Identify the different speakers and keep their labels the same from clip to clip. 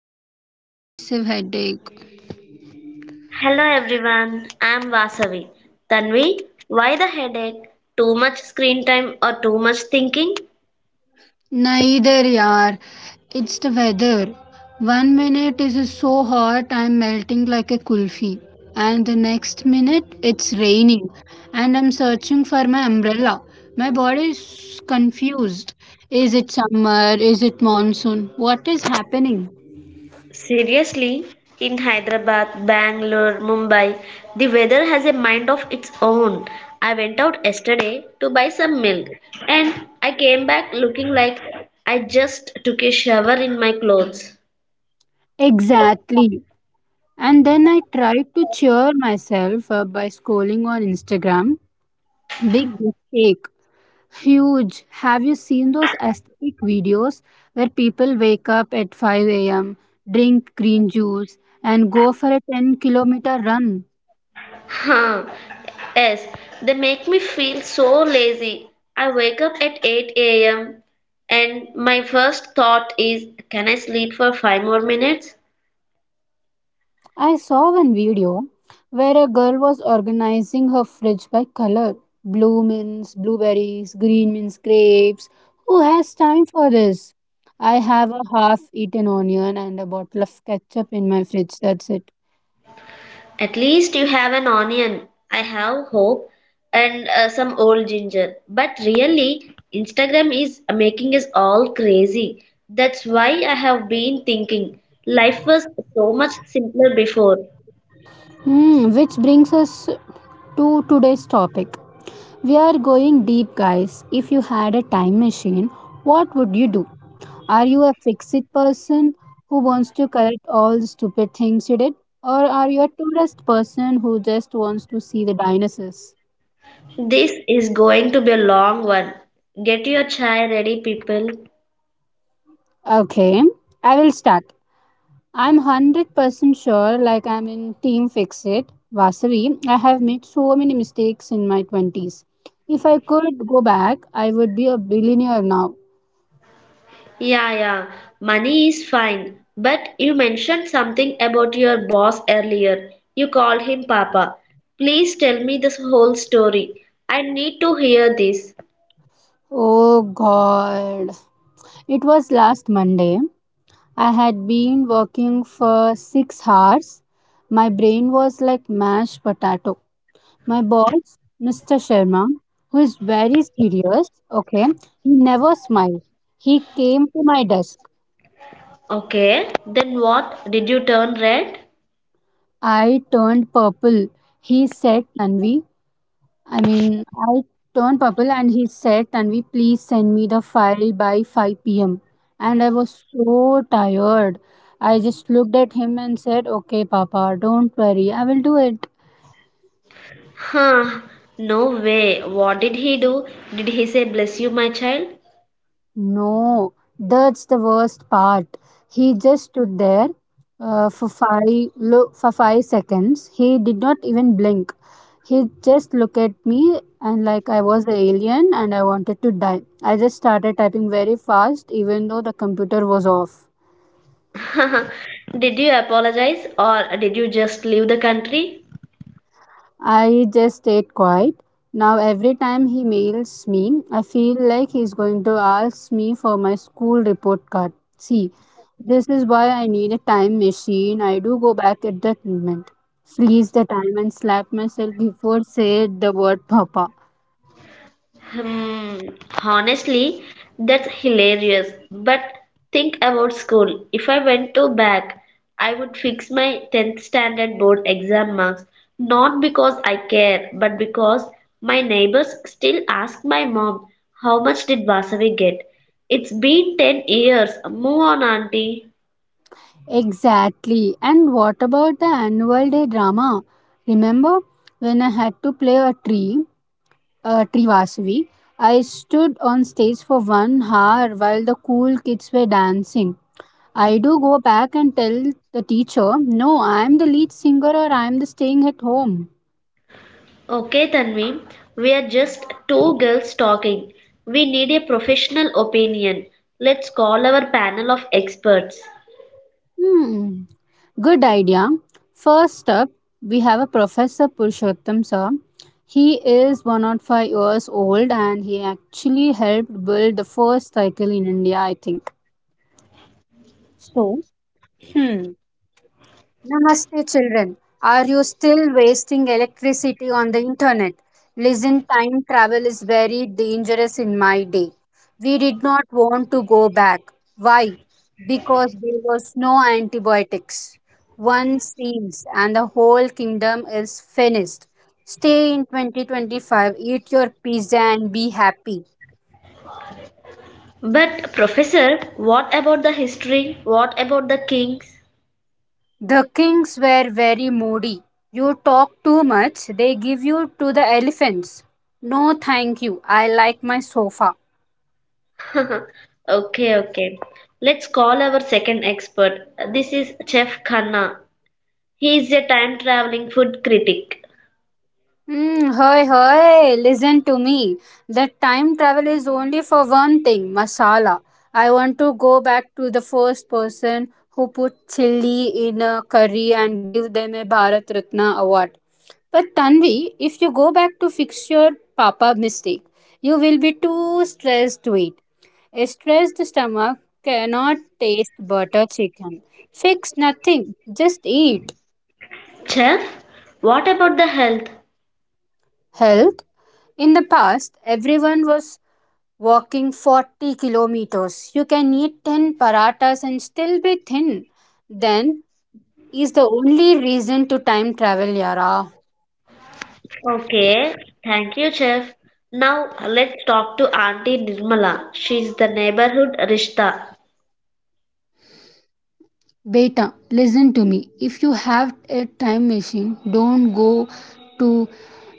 Speaker 1: here with a massive headache.
Speaker 2: Hello everyone, I'm Vasavi. Tanvi, why the headache? Too much screen time or too much thinking?
Speaker 1: Neither, yaar. It's the weather. One minute it is so hot I'm melting like a kulfi, and the next minute it's raining and I'm searching for my umbrella. My body is confused. Is it summer? Is it monsoon? What is happening?
Speaker 2: Seriously, in Hyderabad, Bangalore, Mumbai, the weather has a mind of its own. I went out yesterday to buy some milk and I came back looking like I just took a shower in my clothes.
Speaker 1: Exactly. And then I tried to cheer myself up by scrolling on Instagram. Big mistake. Huge. Have you seen those aesthetic videos where people wake up at 5 a.m., drink green juice, and go for a 10-kilometer run?
Speaker 2: Huh. Yes, they make me feel so lazy. I wake up at 8 a.m. and my first thought is, can I sleep for 5 more minutes?
Speaker 1: I saw one video where a girl was organizing her fridge by color. Blue means blueberries, green means grapes. Who has time for this? I have a half eaten onion and a bottle of ketchup in my fridge. That's it.
Speaker 2: At least you have an onion. I have hope and some old ginger. But really, Instagram is making us all crazy. That's why I have been thinking life was so much simpler before.
Speaker 1: Hmm, which brings us to today's topic. We are going deep, guys. If you had a time machine, what would you do? Are you a fix it person who wants to correct all the stupid things you did? Or are you a tourist person who just wants to see the dinosaurs?
Speaker 2: This is going to be a long one. Get your chai ready, people.
Speaker 1: Okay, I will start. I'm 100% sure, like I'm in Team Fix It, Vasavi. I have made so many mistakes in my 20s. If I could go back, I would be a billionaire now.
Speaker 2: Yeah, yeah, money is fine. But you mentioned something about your boss earlier. You called him Papa. Please tell me this whole story. I need to hear this.
Speaker 1: Oh god. It was last Monday. I had been working for 6 hours. My brain was like mashed potato. My boss, Mr. Sharma, who is very serious, okay, he never smiled. He came to my desk.
Speaker 2: Okay, then what? Did you turn red?
Speaker 1: I turned purple. He said, Tanvi, I turned purple and he said, Tanvi, please send me the file by 5 pm. And I was so tired. I just looked at him and said, Okay, Papa, don't worry, I will do it.
Speaker 2: Huh, no way. What did he do? Did he say, Bless you, my child?
Speaker 1: No, that's the worst part. He just stood there for for 5 seconds. He did not even blink. He just looked at me and like I was an alien, and I wanted to die. I just started typing very fast even though the computer was off.
Speaker 2: Did you apologize or did you just leave the country?
Speaker 1: I just stayed quiet. Now, every time he mails me, I feel like he's going to ask me for my school report card. See, this is why I need a time machine. I do go back at that moment, freeze the time, and slap myself before say the word papa.
Speaker 2: Hmm, honestly, that's hilarious. But think about school. If I went to back, I would fix my 10th standard board exam marks, not because I care, but because my neighbors still ask my mom, how much did Vasavi get? It's been 10 years. Move on, auntie.
Speaker 1: Exactly. And what about the annual day drama? Remember when I had to play a tree Trivasavi. I stood on stage for 1 hour while the cool kids were dancing. I do go back and tell the teacher, no, I am the lead singer or I am the staying at home.
Speaker 2: Okay, Tanvi, we are just two girls talking. We need a professional opinion. Let's call our panel of experts.
Speaker 1: Hmm, good idea. First up, we have a Professor Purushottam sir. He is 105 years old and he actually helped build the first cycle in India, I think. So, Namaste, children. Are you still wasting electricity on the internet? Listen, time travel is very dangerous in my day. We did not want to go back. Why? Because there was no antibiotics. One seems, and the whole kingdom is finished. Stay in 2025, eat your pizza, and be happy.
Speaker 2: But, Professor, what about the history? What about the kings?
Speaker 1: The kings were very moody. You talk too much, they give you to the elephants. No, thank you. I like my sofa.
Speaker 2: Okay, okay. Let's call our second expert. This is Chef Khanna. He is a time traveling food critic.
Speaker 1: Hey, hey, listen to me. That time travel is only for one thing, masala. I want to go back to the first person who put chili in a curry and give them a Bharat Ratna award. But Tanvi, if you go back to fix your papa mistake, you will be too stressed to eat. A stressed stomach cannot taste butter chicken. Fix nothing, just eat.
Speaker 2: Chef, what about the health?
Speaker 1: Health? In the past, everyone was walking 40 kilometers. You can eat 10 paratas and still be thin. Then is the only reason to time travel, Yara.
Speaker 2: Okay, thank you, Chef. Now let's talk to Auntie Nirmala. She's the neighborhood Rishta.
Speaker 1: Beta, listen to me. If you have a time machine, don't go to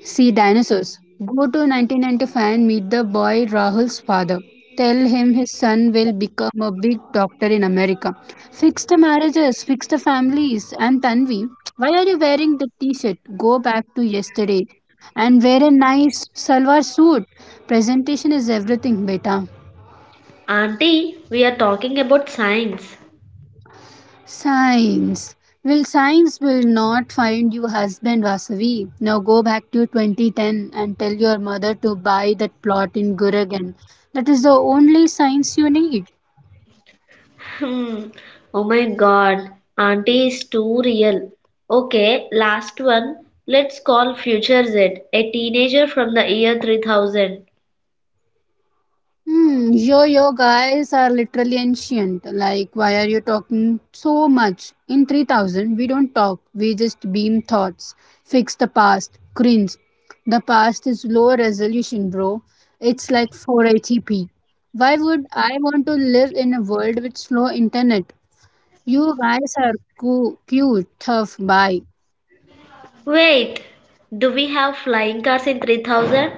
Speaker 1: see dinosaurs. Go to 1995 and meet the boy Rahul's father. Tell him his son will become a big doctor in America. Fix the marriages, fix the families. And Tanvi, why are you wearing the t shirt? Go back to yesterday and wear a nice salwar suit. Presentation is everything, beta.
Speaker 2: Auntie, we are talking about science.
Speaker 1: Science. Well, science will not find you husband, Vasavi. Now go back to 2010 and tell your mother to buy that plot in Guragan. That is the only science you need.
Speaker 2: Hmm. Oh my god, auntie is too real. Okay, last one. Let's call Future Z, a teenager from the year 3000.
Speaker 1: Hmm, yo yo guys are literally ancient. Like, why are you talking so much? In 3000, we don't talk, we just beam thoughts, fix the past, cringe. The past is low resolution, bro. It's like 480p. Why would I want to live in a world with slow internet? You guys are cute, tough, bye.
Speaker 2: Wait, do we have flying cars in 3000?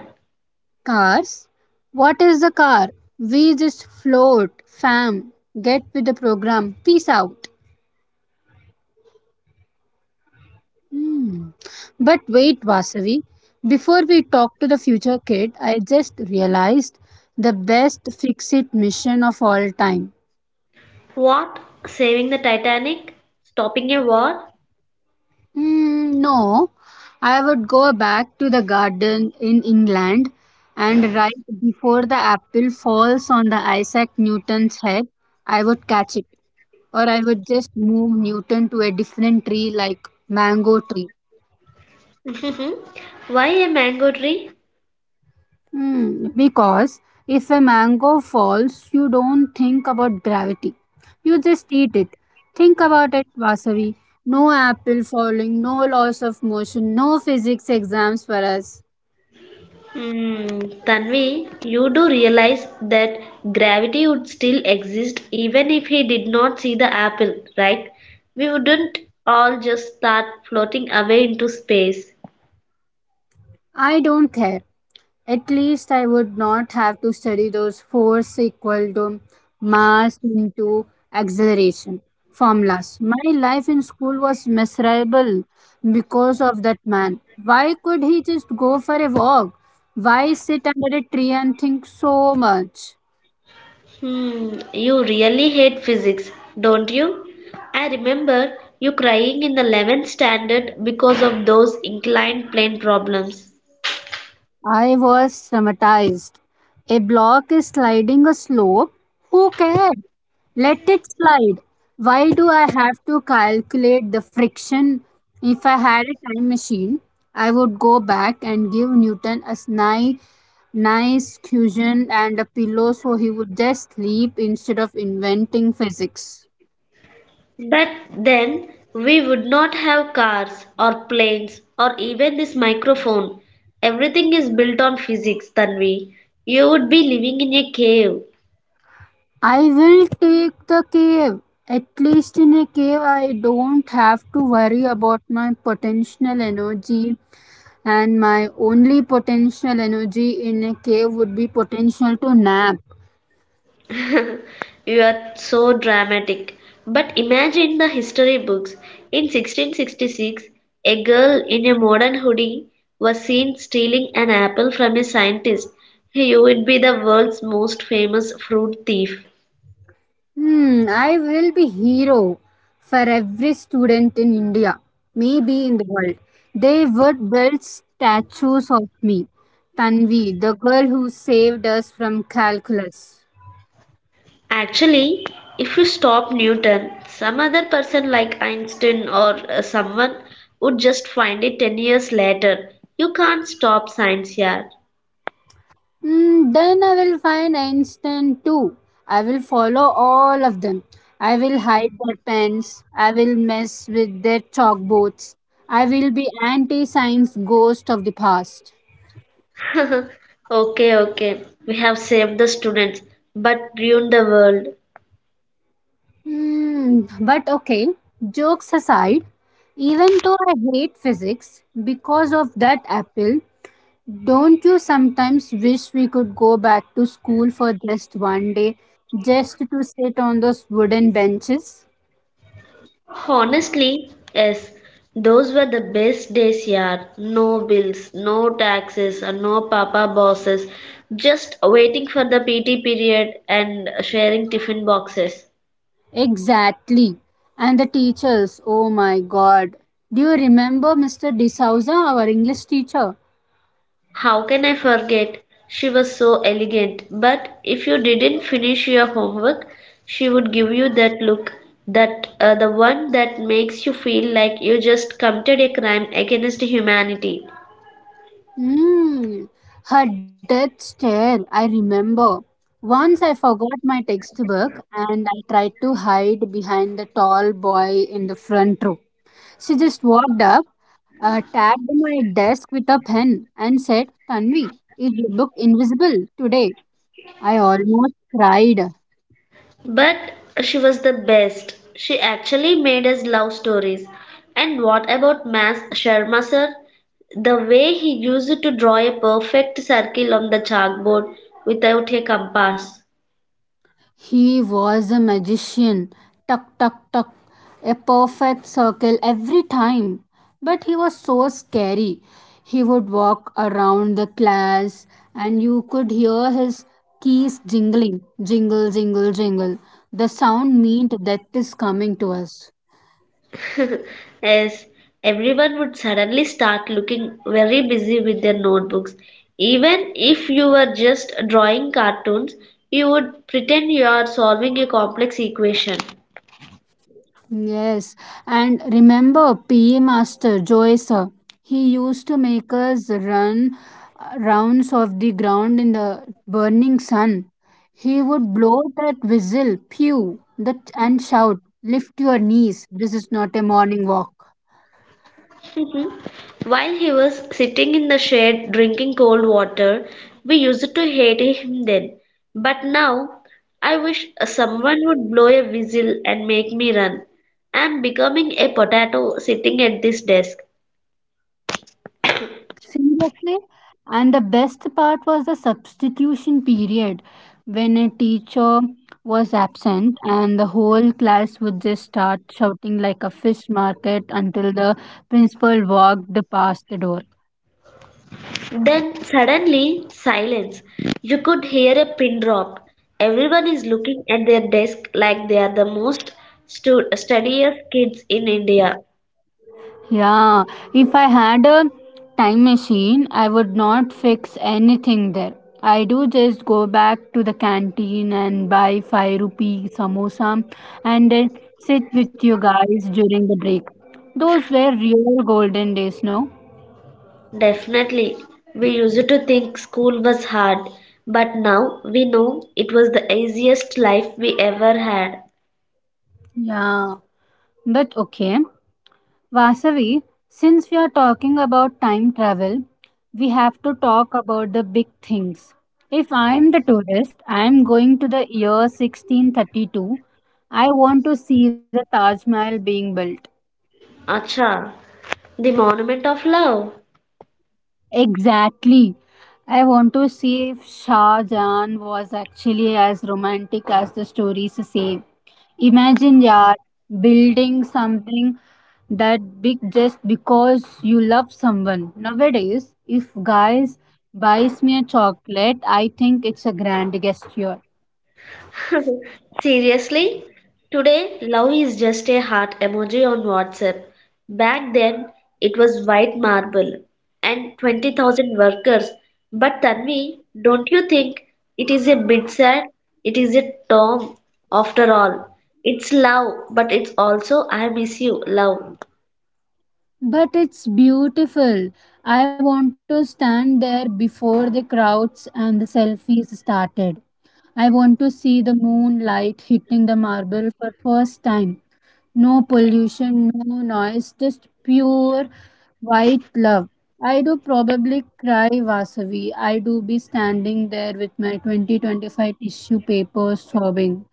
Speaker 1: Cars? What is the car? We just float, fam. Get with the program. Peace out. Hmm. But wait, Vasavi, before we talk to the future kid, I just realized the best fix it mission of all time.
Speaker 2: What? Saving the Titanic? Stopping a war?
Speaker 1: No, I would go back to the garden in England and right before the apple falls on the Isaac Newton's head, I would catch it. Or I would just move Newton to a different tree like mango tree.
Speaker 2: Why a mango tree?
Speaker 1: Hmm, because if a mango falls, you don't think about gravity. You just eat it. Think about it, Vasavi. No apple falling, no loss of motion, no physics exams for us.
Speaker 2: Mm, Tanvi, you do realize that gravity would still exist even if he did not see the apple, right? We wouldn't all just start floating away into space.
Speaker 1: I don't care. At least I would not have to study those force equal to mass into acceleration formulas. My life in school was miserable because of that man. Why could he just go for a walk? Why sit under a tree and think so much?
Speaker 2: Hmm, you really hate physics, don't you? I remember you crying in the 11th standard because of those inclined plane problems.
Speaker 1: I was traumatized. A block is sliding a slope. Who cares? Let it slide. Why do I have to calculate the friction? If I had a time machine, I would go back and give Newton a nice cushion and a pillow so he would just sleep instead of inventing physics.
Speaker 2: But then we would not have cars or planes or even this microphone. Everything is built on physics, Tanvi. You would be living in a cave.
Speaker 1: I will take the cave. At least in a cave, I don't have to worry about my potential energy, and my only potential energy in a cave would be potential to nap.
Speaker 2: You are so dramatic. But imagine the history books. In 1666, a girl in a modern hoodie was seen stealing an apple from a scientist. You would be the world's most famous fruit thief.
Speaker 1: Hmm, I will be hero for every student in India, maybe in the world. They would build statues of me, Tanvi, the girl who saved us from calculus.
Speaker 2: Actually, if you stop Newton, some other person like Einstein or someone would just find it 10 years later. You can't stop science yet.
Speaker 1: Then I will find Einstein too. I will follow all of them. I will hide their pens. I will mess with their chalkboards. I will be anti science ghost of the past.
Speaker 2: Okay, okay. We have saved the students but ruined the world.
Speaker 1: Hmm, but okay, jokes aside, even though I hate physics because of that apple, don't you sometimes wish we could go back to school for just one day, just to sit on those wooden benches?
Speaker 2: Honestly, yes. Those were the best days, yaar. No bills, no taxes, and no papa bosses. Just waiting for the PT period and sharing tiffin boxes.
Speaker 1: Exactly. And the teachers, oh my god. Do you remember Mr. D'Souza, our English teacher?
Speaker 2: How can I forget? She was so elegant, but if you didn't finish your homework, she would give you that look, that the one that makes you feel like you just committed a crime against humanity.
Speaker 1: Mm, Her death stare, I remember. Once I forgot my textbook and I tried to hide behind the tall boy in the front row. She just walked up, tapped my desk with a pen, and said, Tanvi, is your book invisible today? I almost cried.
Speaker 2: But she was the best. She actually made us love stories. And what about Mas Sharma sir? The way he used to draw a perfect circle on the chalkboard without a compass.
Speaker 1: He was a magician. Tuck, tuck, tuck. A perfect circle every time. But he was so scary. He would walk around the class and you could hear his keys jingling. Jingle, jingle, jingle. The sound meant death is coming to us.
Speaker 2: As everyone would suddenly start looking very busy with their notebooks. Even if you were just drawing cartoons, you would pretend you are solving a complex equation.
Speaker 1: Yes, and remember PE Master Joyce, he used to make us run rounds of the ground in the burning sun. He would blow that whistle, pew, that, and shout, Lift your knees, this is not a morning walk.
Speaker 2: While he was sitting in the shade drinking cold water, we used to hate him then. But now, I wish someone would blow a whistle and make me run. I am becoming a potato sitting at this desk.
Speaker 1: Seriously? And the best part was the substitution period when a teacher was absent and the whole class would just start shouting like a fish market until the principal walked past the door.
Speaker 2: Then suddenly, silence. You could hear a pin drop. Everyone is looking at their desk like they are the most studious kids in India.
Speaker 1: Yeah, if I had a time machine, I would not fix anything there. I do just go back to the canteen and buy 5 rupee samosa and then sit with you guys during the break. Those were real golden days, no?
Speaker 2: Definitely, we used to think school was hard, but now we know it was the easiest life we ever had.
Speaker 1: Yeah, but okay. Vasavi, since we are talking about time travel, we have to talk about the big things. If I am the tourist, I am going to the year 1632. I want to see the Taj Mahal being built.
Speaker 2: Acha, the monument of love.
Speaker 1: Exactly. I want to see if Shah Jahan was actually as romantic as the stories say. Imagine, yaar, building something that big just because you love someone. Nowadays, if guys buys me a chocolate, I think it's a grand gesture.
Speaker 2: Seriously? Today, love is just a heart emoji on WhatsApp. Back then, it was white marble and 20,000 workers. But Tanvi, don't you think it is a bit sad? It is a term, after all. It's love, but it's also I miss you, love.
Speaker 1: But it's beautiful. I want to stand there before the crowds and the selfies started. I want to see the moonlight hitting the marble for first time. No pollution, no noise, just pure white love. I do probably cry Vasavi. I do be standing there with my 2025 tissue paper sobbing.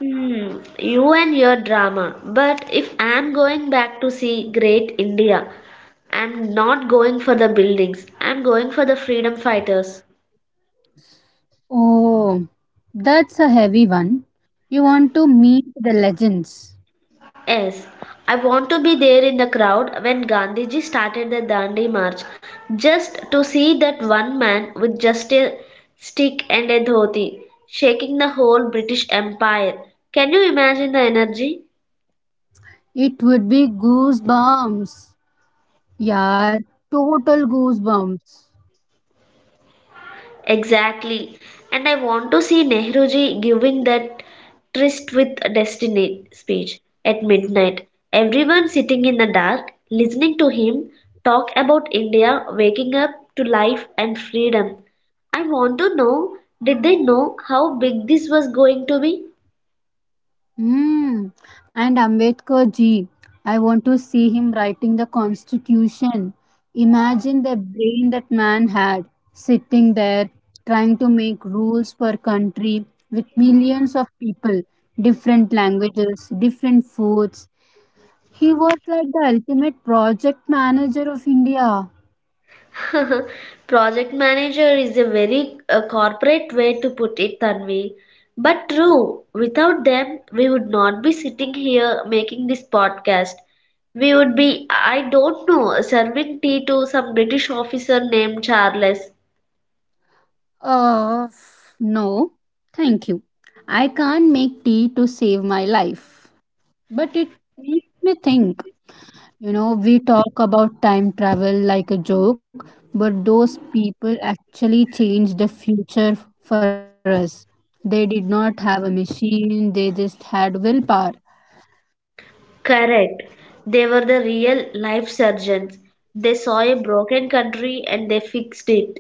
Speaker 2: Hmm, you and your drama. But if I'm going back to see great India, I'm not going for the buildings. I'm going for the freedom fighters.
Speaker 1: Oh, that's a heavy one. You want to meet the legends.
Speaker 2: Yes, I want to be there in the crowd when Gandhiji started the Dandi march, just to see that one man with just a stick and a dhoti shaking the whole British Empire. Can you imagine the energy?
Speaker 1: It would be goosebumps. Yeah, total goosebumps.
Speaker 2: Exactly. And I want to see Nehruji giving that tryst with destiny speech at midnight. Everyone sitting in the dark, listening to him talk about India waking up to life and freedom. I want to know, did they know how big this was going to be?
Speaker 1: Hmm. And Ambedkar ji, I want to see him writing the Constitution. Imagine the brain that man had, sitting there trying to make rules for country with millions of people, different languages, different foods. He was like the ultimate project manager of India.
Speaker 2: Project manager is a very corporate way to put it, Tanvi. But true, without them, we would not be sitting here making this podcast. We would be, I don't know, serving tea to some British officer named Charles.
Speaker 1: Uh, no, thank you. I can't make tea to save my life. But it makes me think. You know, we talk about time travel like a joke, but those people actually changed the future for us. They did not have a machine, they just had willpower.
Speaker 2: Correct. They were the real life surgeons. They saw a broken country and they fixed it.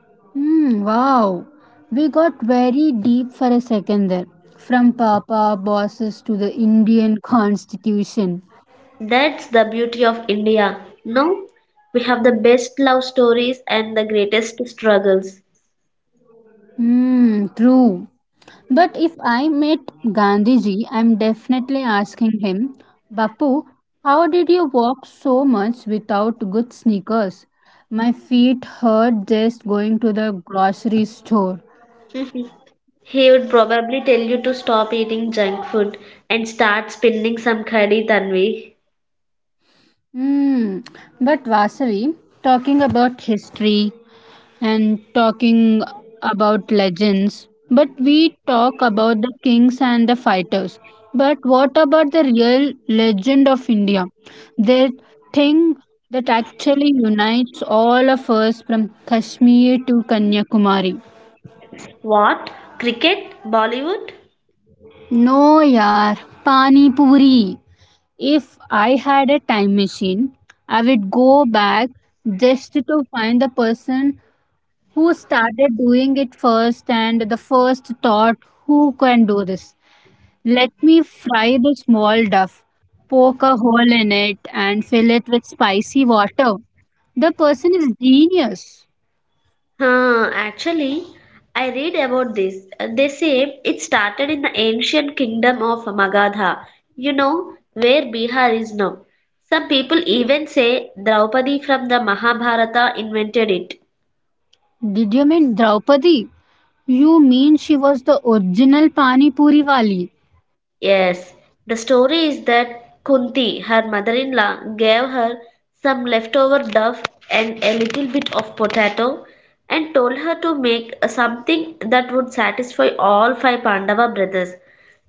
Speaker 1: Hmm, wow. We got very deep for a second there. From Papa bosses to the Indian Constitution.
Speaker 2: That's the beauty of India. No, we have the best love stories and the greatest struggles.
Speaker 1: Hmm, true. But if I met Gandhiji, I'm definitely asking him, Bapu, how did you walk so much without good sneakers? My feet hurt just going to the grocery store.
Speaker 2: He would probably tell you to stop eating junk food and start spinning some curry, Tanvi.
Speaker 1: Hmm. But Vasavi, talking about history, and talking about legends, but we talk about the kings and the fighters. But what about the real legend of India? The thing that actually unites all of us from Kashmir to Kanyakumari.
Speaker 2: What? Cricket? Bollywood?
Speaker 1: No, yaar, Pani Puri. If I had a time machine, I would go back just to find the person who started doing it first and the first thought who can do this, let me fry the small duff, poke a hole in it and fill it with spicy water. The person is genius.
Speaker 2: Huh, actually, I read about this. They say it started in the ancient kingdom of Magadha, you know, where Bihar is now. Some people even say Draupadi from the Mahabharata invented it.
Speaker 1: Did you mean Draupadi? You mean she was the original pani puri wali?
Speaker 2: Yes, the story is that Kunti, her mother in law, gave her some leftover dove and a little bit of potato and told her to make something that would satisfy all five Pandava brothers.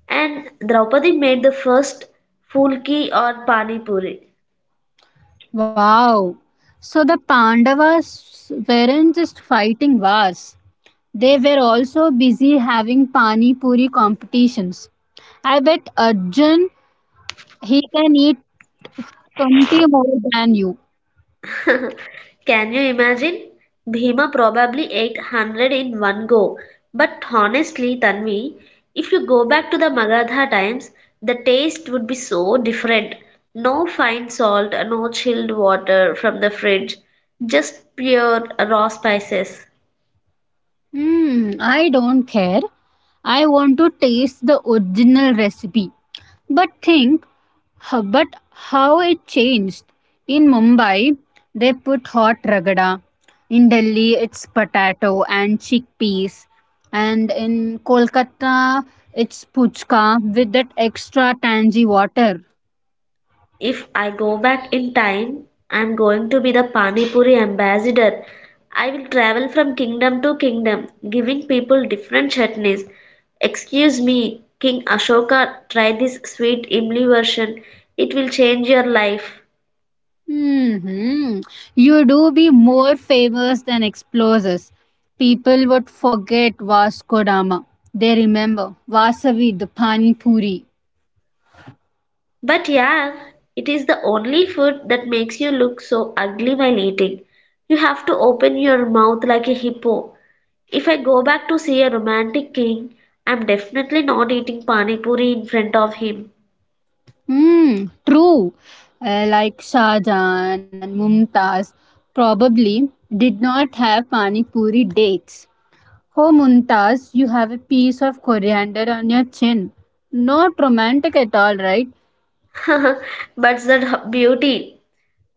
Speaker 2: And Draupadi made the first fulki or pani puri.
Speaker 1: Wow, so the Pandavas weren't just fighting wars. They were also busy having pani puri competitions. I bet Arjun he can eat 20 more than you.
Speaker 2: Can you imagine? Bhima probably ate 100 in one go. But honestly, Tanvi, if you go back to the Magadha times, the taste would be so different. No fine salt, no chilled water from the fridge, just pure raw spices.
Speaker 1: Hmm, I don't care. I want to taste the original recipe. But think, but how it changed. In Mumbai, they put hot ragada. In Delhi, it's potato and chickpeas. And in Kolkata, it's puchka with that extra tangy water.
Speaker 2: If I go back in time, I'm going to be the Pani Puri ambassador. I will travel from kingdom to kingdom, giving people different chutneys. Excuse me, King Ashoka, try this sweet Imli version. It will change your life.
Speaker 1: Hmm. You do be more famous than explorers. People would forget Vasco Dama. They remember Vasavi, the Pani Puri.
Speaker 2: But yeah, it is the only food that makes you look so ugly while eating. You have to open your mouth like a hippo. If I go back to see a romantic king, I'm definitely not eating pani puri in front of him.
Speaker 1: Hmm, true. Like Shah Jahan and Mumtaz probably did not have Pani Puri dates. Oh, Mumtaz, you have a piece of coriander on your chin. Not romantic at all, right?
Speaker 2: but the beauty,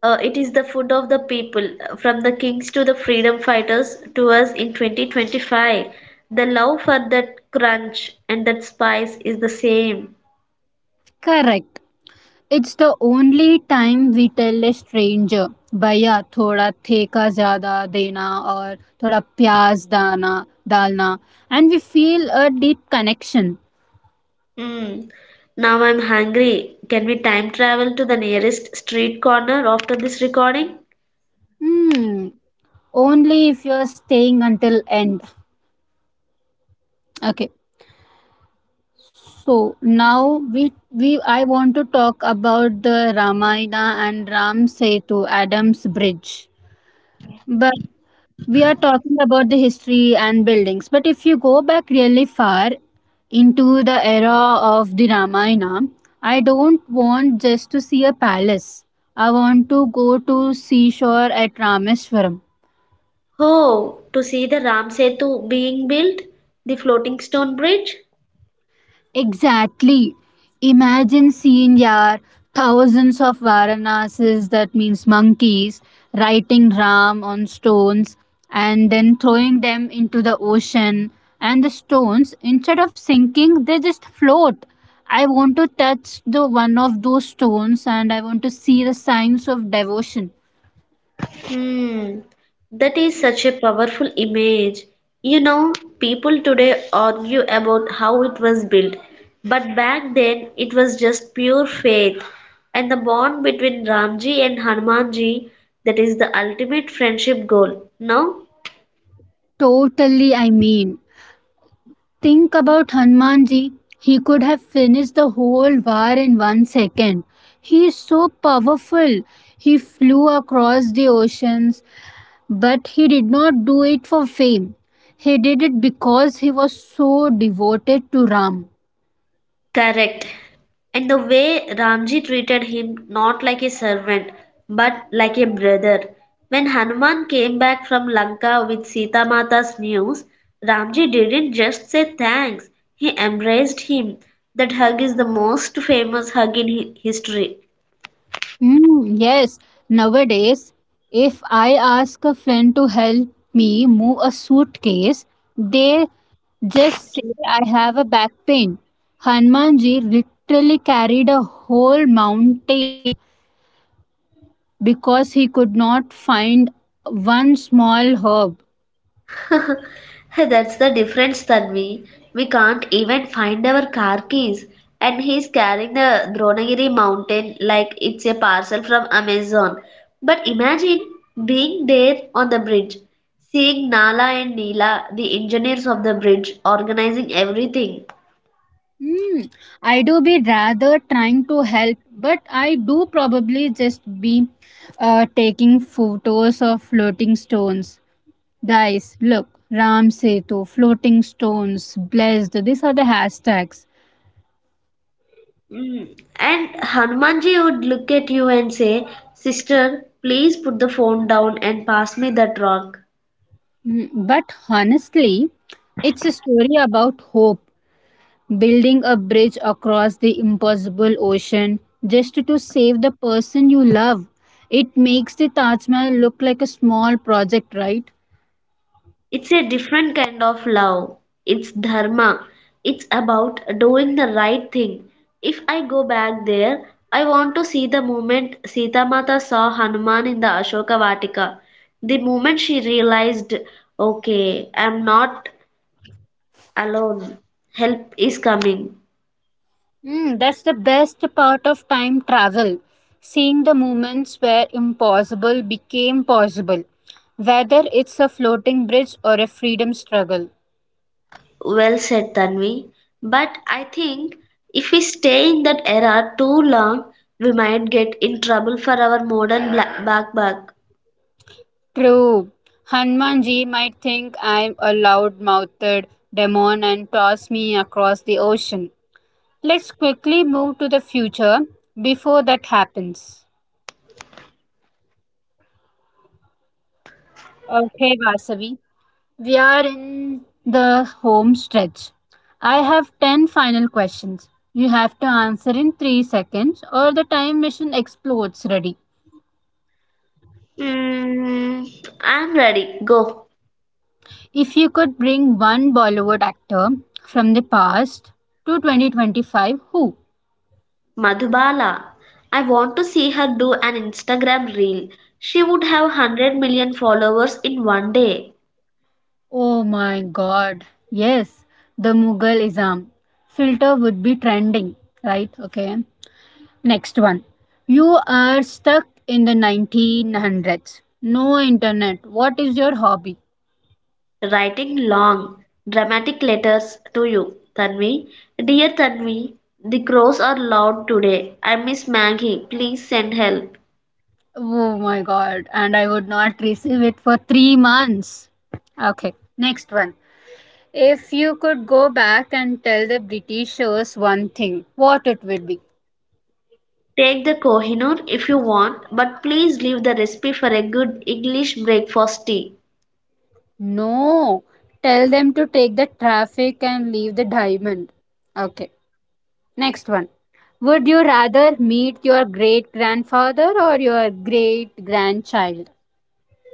Speaker 2: it is the food of the people, from the kings to the freedom fighters to us in 2025. The love for that crunch and that spice is the same.
Speaker 1: Correct. It's the only time we tell a stranger, भैया थोड़ा ठेका ज़्यादा देना और थोड़ा प्याज दाना डालना, and we feel a deep connection.
Speaker 2: Hmm. Now I'm hungry. Can we time travel to the nearest street corner after this recording?
Speaker 1: Hmm, only if you're staying until end. Okay, so now we I want to talk about the Ramayana and Ram Setu Adam's Bridge. But we are talking about the history and buildings, but if you go back really far into the era of the Ramayana, I don't want just to see a palace, I want to go to seashore at Rameswaram.
Speaker 2: Oh, to see the Ram Setu being built, the floating stone bridge?
Speaker 1: Exactly. Imagine seeing your thousands of Varanasis, that means monkeys, writing Ram on stones and then throwing them into the ocean. And the stones, instead of sinking, they just float. I want to touch the one of those stones and I want to see the signs of devotion.
Speaker 2: Hmm. That is such a powerful image. You know, people today argue about how it was built, but back then it was just pure faith. And the bond between Ramji and Hanumanji, that is the ultimate friendship goal. No?
Speaker 1: Totally, I mean. Think about Hanumanji. He could have finished the whole war in 1 second. He is so powerful. He flew across the oceans, but he did not do it for fame. He did it because he was so devoted to Ram.
Speaker 2: Correct. And the way Ramji treated him not like a servant but like a brother. When Hanuman came back from Lanka with Sita Mata's news, Ramji didn't just say thanks, he embraced him. That hug is the most famous hug in history.
Speaker 1: Mm, yes, nowadays, if I ask a friend to help me move a suitcase, they just say I have a back pain. Hanumanji literally carried a whole mountain because he could not find one small herb.
Speaker 2: Hey, that's the difference, Tanvi. We can't even find our car keys. And he's carrying the Dronagiri mountain like it's a parcel from Amazon. But imagine being there on the bridge, seeing Nala and Neela, the engineers of the bridge, organizing everything.
Speaker 1: Hmm. I do be rather trying to help, but I do probably just be taking photos of floating stones. Guys, look, Ram Setu, floating stones, blessed, these are the hashtags.
Speaker 2: Mm. And Hanumanji would look at you and say, sister, please put the phone down and pass me that rock.
Speaker 1: Mm, but honestly, it's a story about hope, building a bridge across the impossible ocean just to save the person you love. It makes the Taj Mahal look like a small project, right?
Speaker 2: It's a different kind of love. It's dharma. It's about doing the right thing. If I go back there, I want to see the moment Sita Mata saw Hanuman in the Ashoka Vatika. The moment she realized, okay, I'm not alone. Help is coming.
Speaker 1: Mm, that's the best part of time travel. Seeing the moments where impossible became possible, whether it's a floating bridge or a freedom struggle.
Speaker 2: Well said, Tanvi. But I think if we stay in that era too long, we might get in trouble for our modern black backpack.
Speaker 1: True. Hanumanji might think I'm a loud mouthed demon and toss me across the ocean. Let's quickly move to the future before that happens. Okay, Vasavi. We are in the home stretch. I have 10 final questions. You have to answer in 3 seconds or the time machine explodes, ready?
Speaker 2: Mm, I'm ready. Go.
Speaker 1: If you could bring one Bollywood actor from the past to 2025, who?
Speaker 2: Madhubala. I want to see her do an Instagram reel. She would have 100 million followers in one day.
Speaker 1: Oh my god. Yes, the Mughal Isam. Filter would be trending, right? Okay. Next one. You are stuck in the 1900s. No internet. What is your hobby?
Speaker 2: Writing long, dramatic letters to you, Tanvi. Dear Tanvi, the crows are loud today. I miss Maggie. Please send help.
Speaker 1: Oh my god. And I would not receive it for 3 months. Okay, next one. If you could go back and tell the Britishers one thing, what it would be?
Speaker 2: Take the Kohinoor if you want, but please leave the recipe for a good English breakfast tea.
Speaker 1: No. Tell them to take the traffic and leave the diamond. Okay, next one. Would you rather meet your great grandfather or your great grandchild?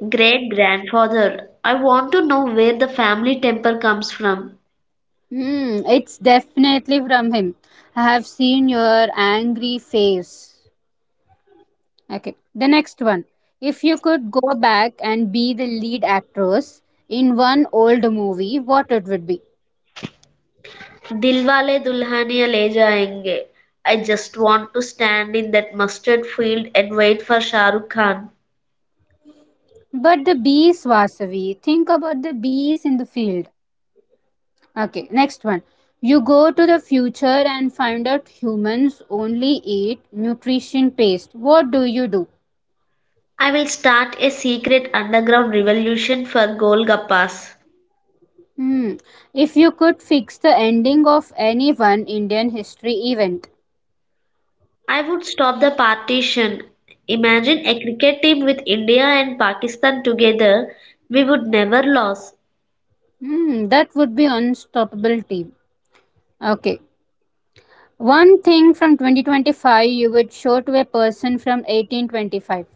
Speaker 2: Great-grandfather. I want to know where the family temper comes from.
Speaker 1: Hmm, it's definitely from him. I have seen your angry face. Okay, the next one. If you could go back and be the lead actress in one old movie, what it would be?
Speaker 2: Dilwale Dulhania Le Jayenge. I just want to stand in that mustard field and wait for Shah Rukh Khan.
Speaker 1: But the bees, Vasavi. Think about the bees in the field. Okay, next one. You go to the future and find out humans only eat nutrition paste. What do you do?
Speaker 2: I will start a secret underground revolution for Golgappas.
Speaker 1: Hmm. If you could fix the ending of any one Indian history event,
Speaker 2: I would stop the partition. Imagine a cricket team with India and Pakistan together. We would never lose.
Speaker 1: hmm, that would be unstoppable team. Okay, one thing from 2025 you would show to a person from 1825.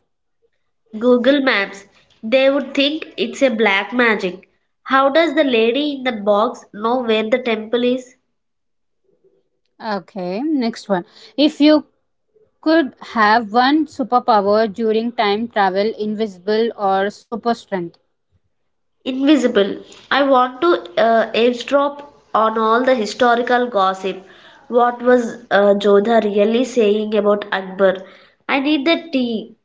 Speaker 2: Google Maps, they would think it's a black magic. How does the lady in the box know where the temple is?
Speaker 1: Okay, next one. If you could have one superpower during time travel, invisible or super strength.
Speaker 2: Invisible. I want to eavesdrop on all the historical gossip. What was Jodha really saying about Akbar? I need the tea.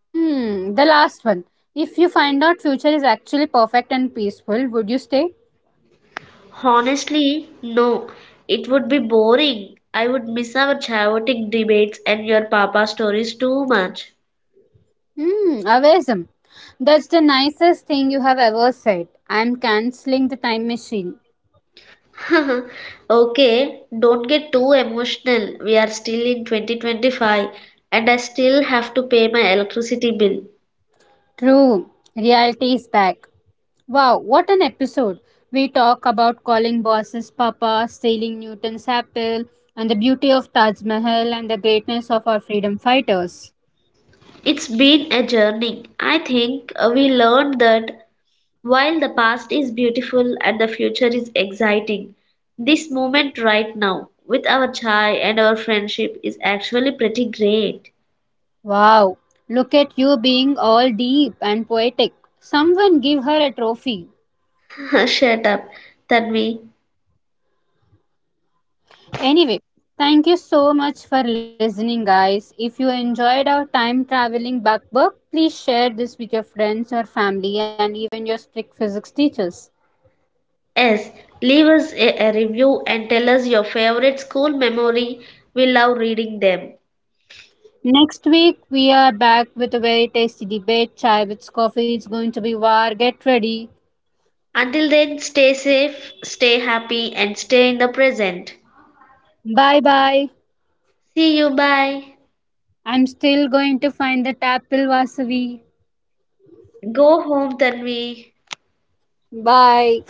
Speaker 1: Hmm, the last one. If you find out future is actually perfect and peaceful, would you stay?
Speaker 2: Honestly, no. It would be boring. I would miss our chaotic debates and your papa stories too much.
Speaker 1: Hmm, amazing. That's the nicest thing you have ever said. I'm cancelling the time machine.
Speaker 2: Okay, don't get too emotional. We are still in 2025 and I still have to pay my electricity bill.
Speaker 1: True, reality is back. Wow, what an episode! We talk about calling bosses Papa, stealing Newton's apple, and the beauty of Taj Mahal and the greatness of our freedom fighters.
Speaker 2: It's been a journey. I think we learned that while the past is beautiful and the future is exciting, this moment right now with our chai and our friendship is actually pretty great.
Speaker 1: Wow, look at you being all deep and poetic. Someone give her a trophy.
Speaker 2: Shut up, Tanvi.
Speaker 1: Anyway, thank you so much for listening, guys. If you enjoyed our time traveling backbook, please share this with your friends, your family, and even your strict physics teachers.
Speaker 2: Yes, leave us a review and tell us your favorite school memory. We love reading them.
Speaker 1: Next week, we are back with a very tasty debate. Chai with coffee is going to be war. Get ready.
Speaker 2: Until then, stay safe, stay happy, and stay in the present.
Speaker 1: Bye bye.
Speaker 2: See you. Bye.
Speaker 1: I'm still going to find the tapil wasavi.
Speaker 2: Go home, Tanvi.
Speaker 1: Bye.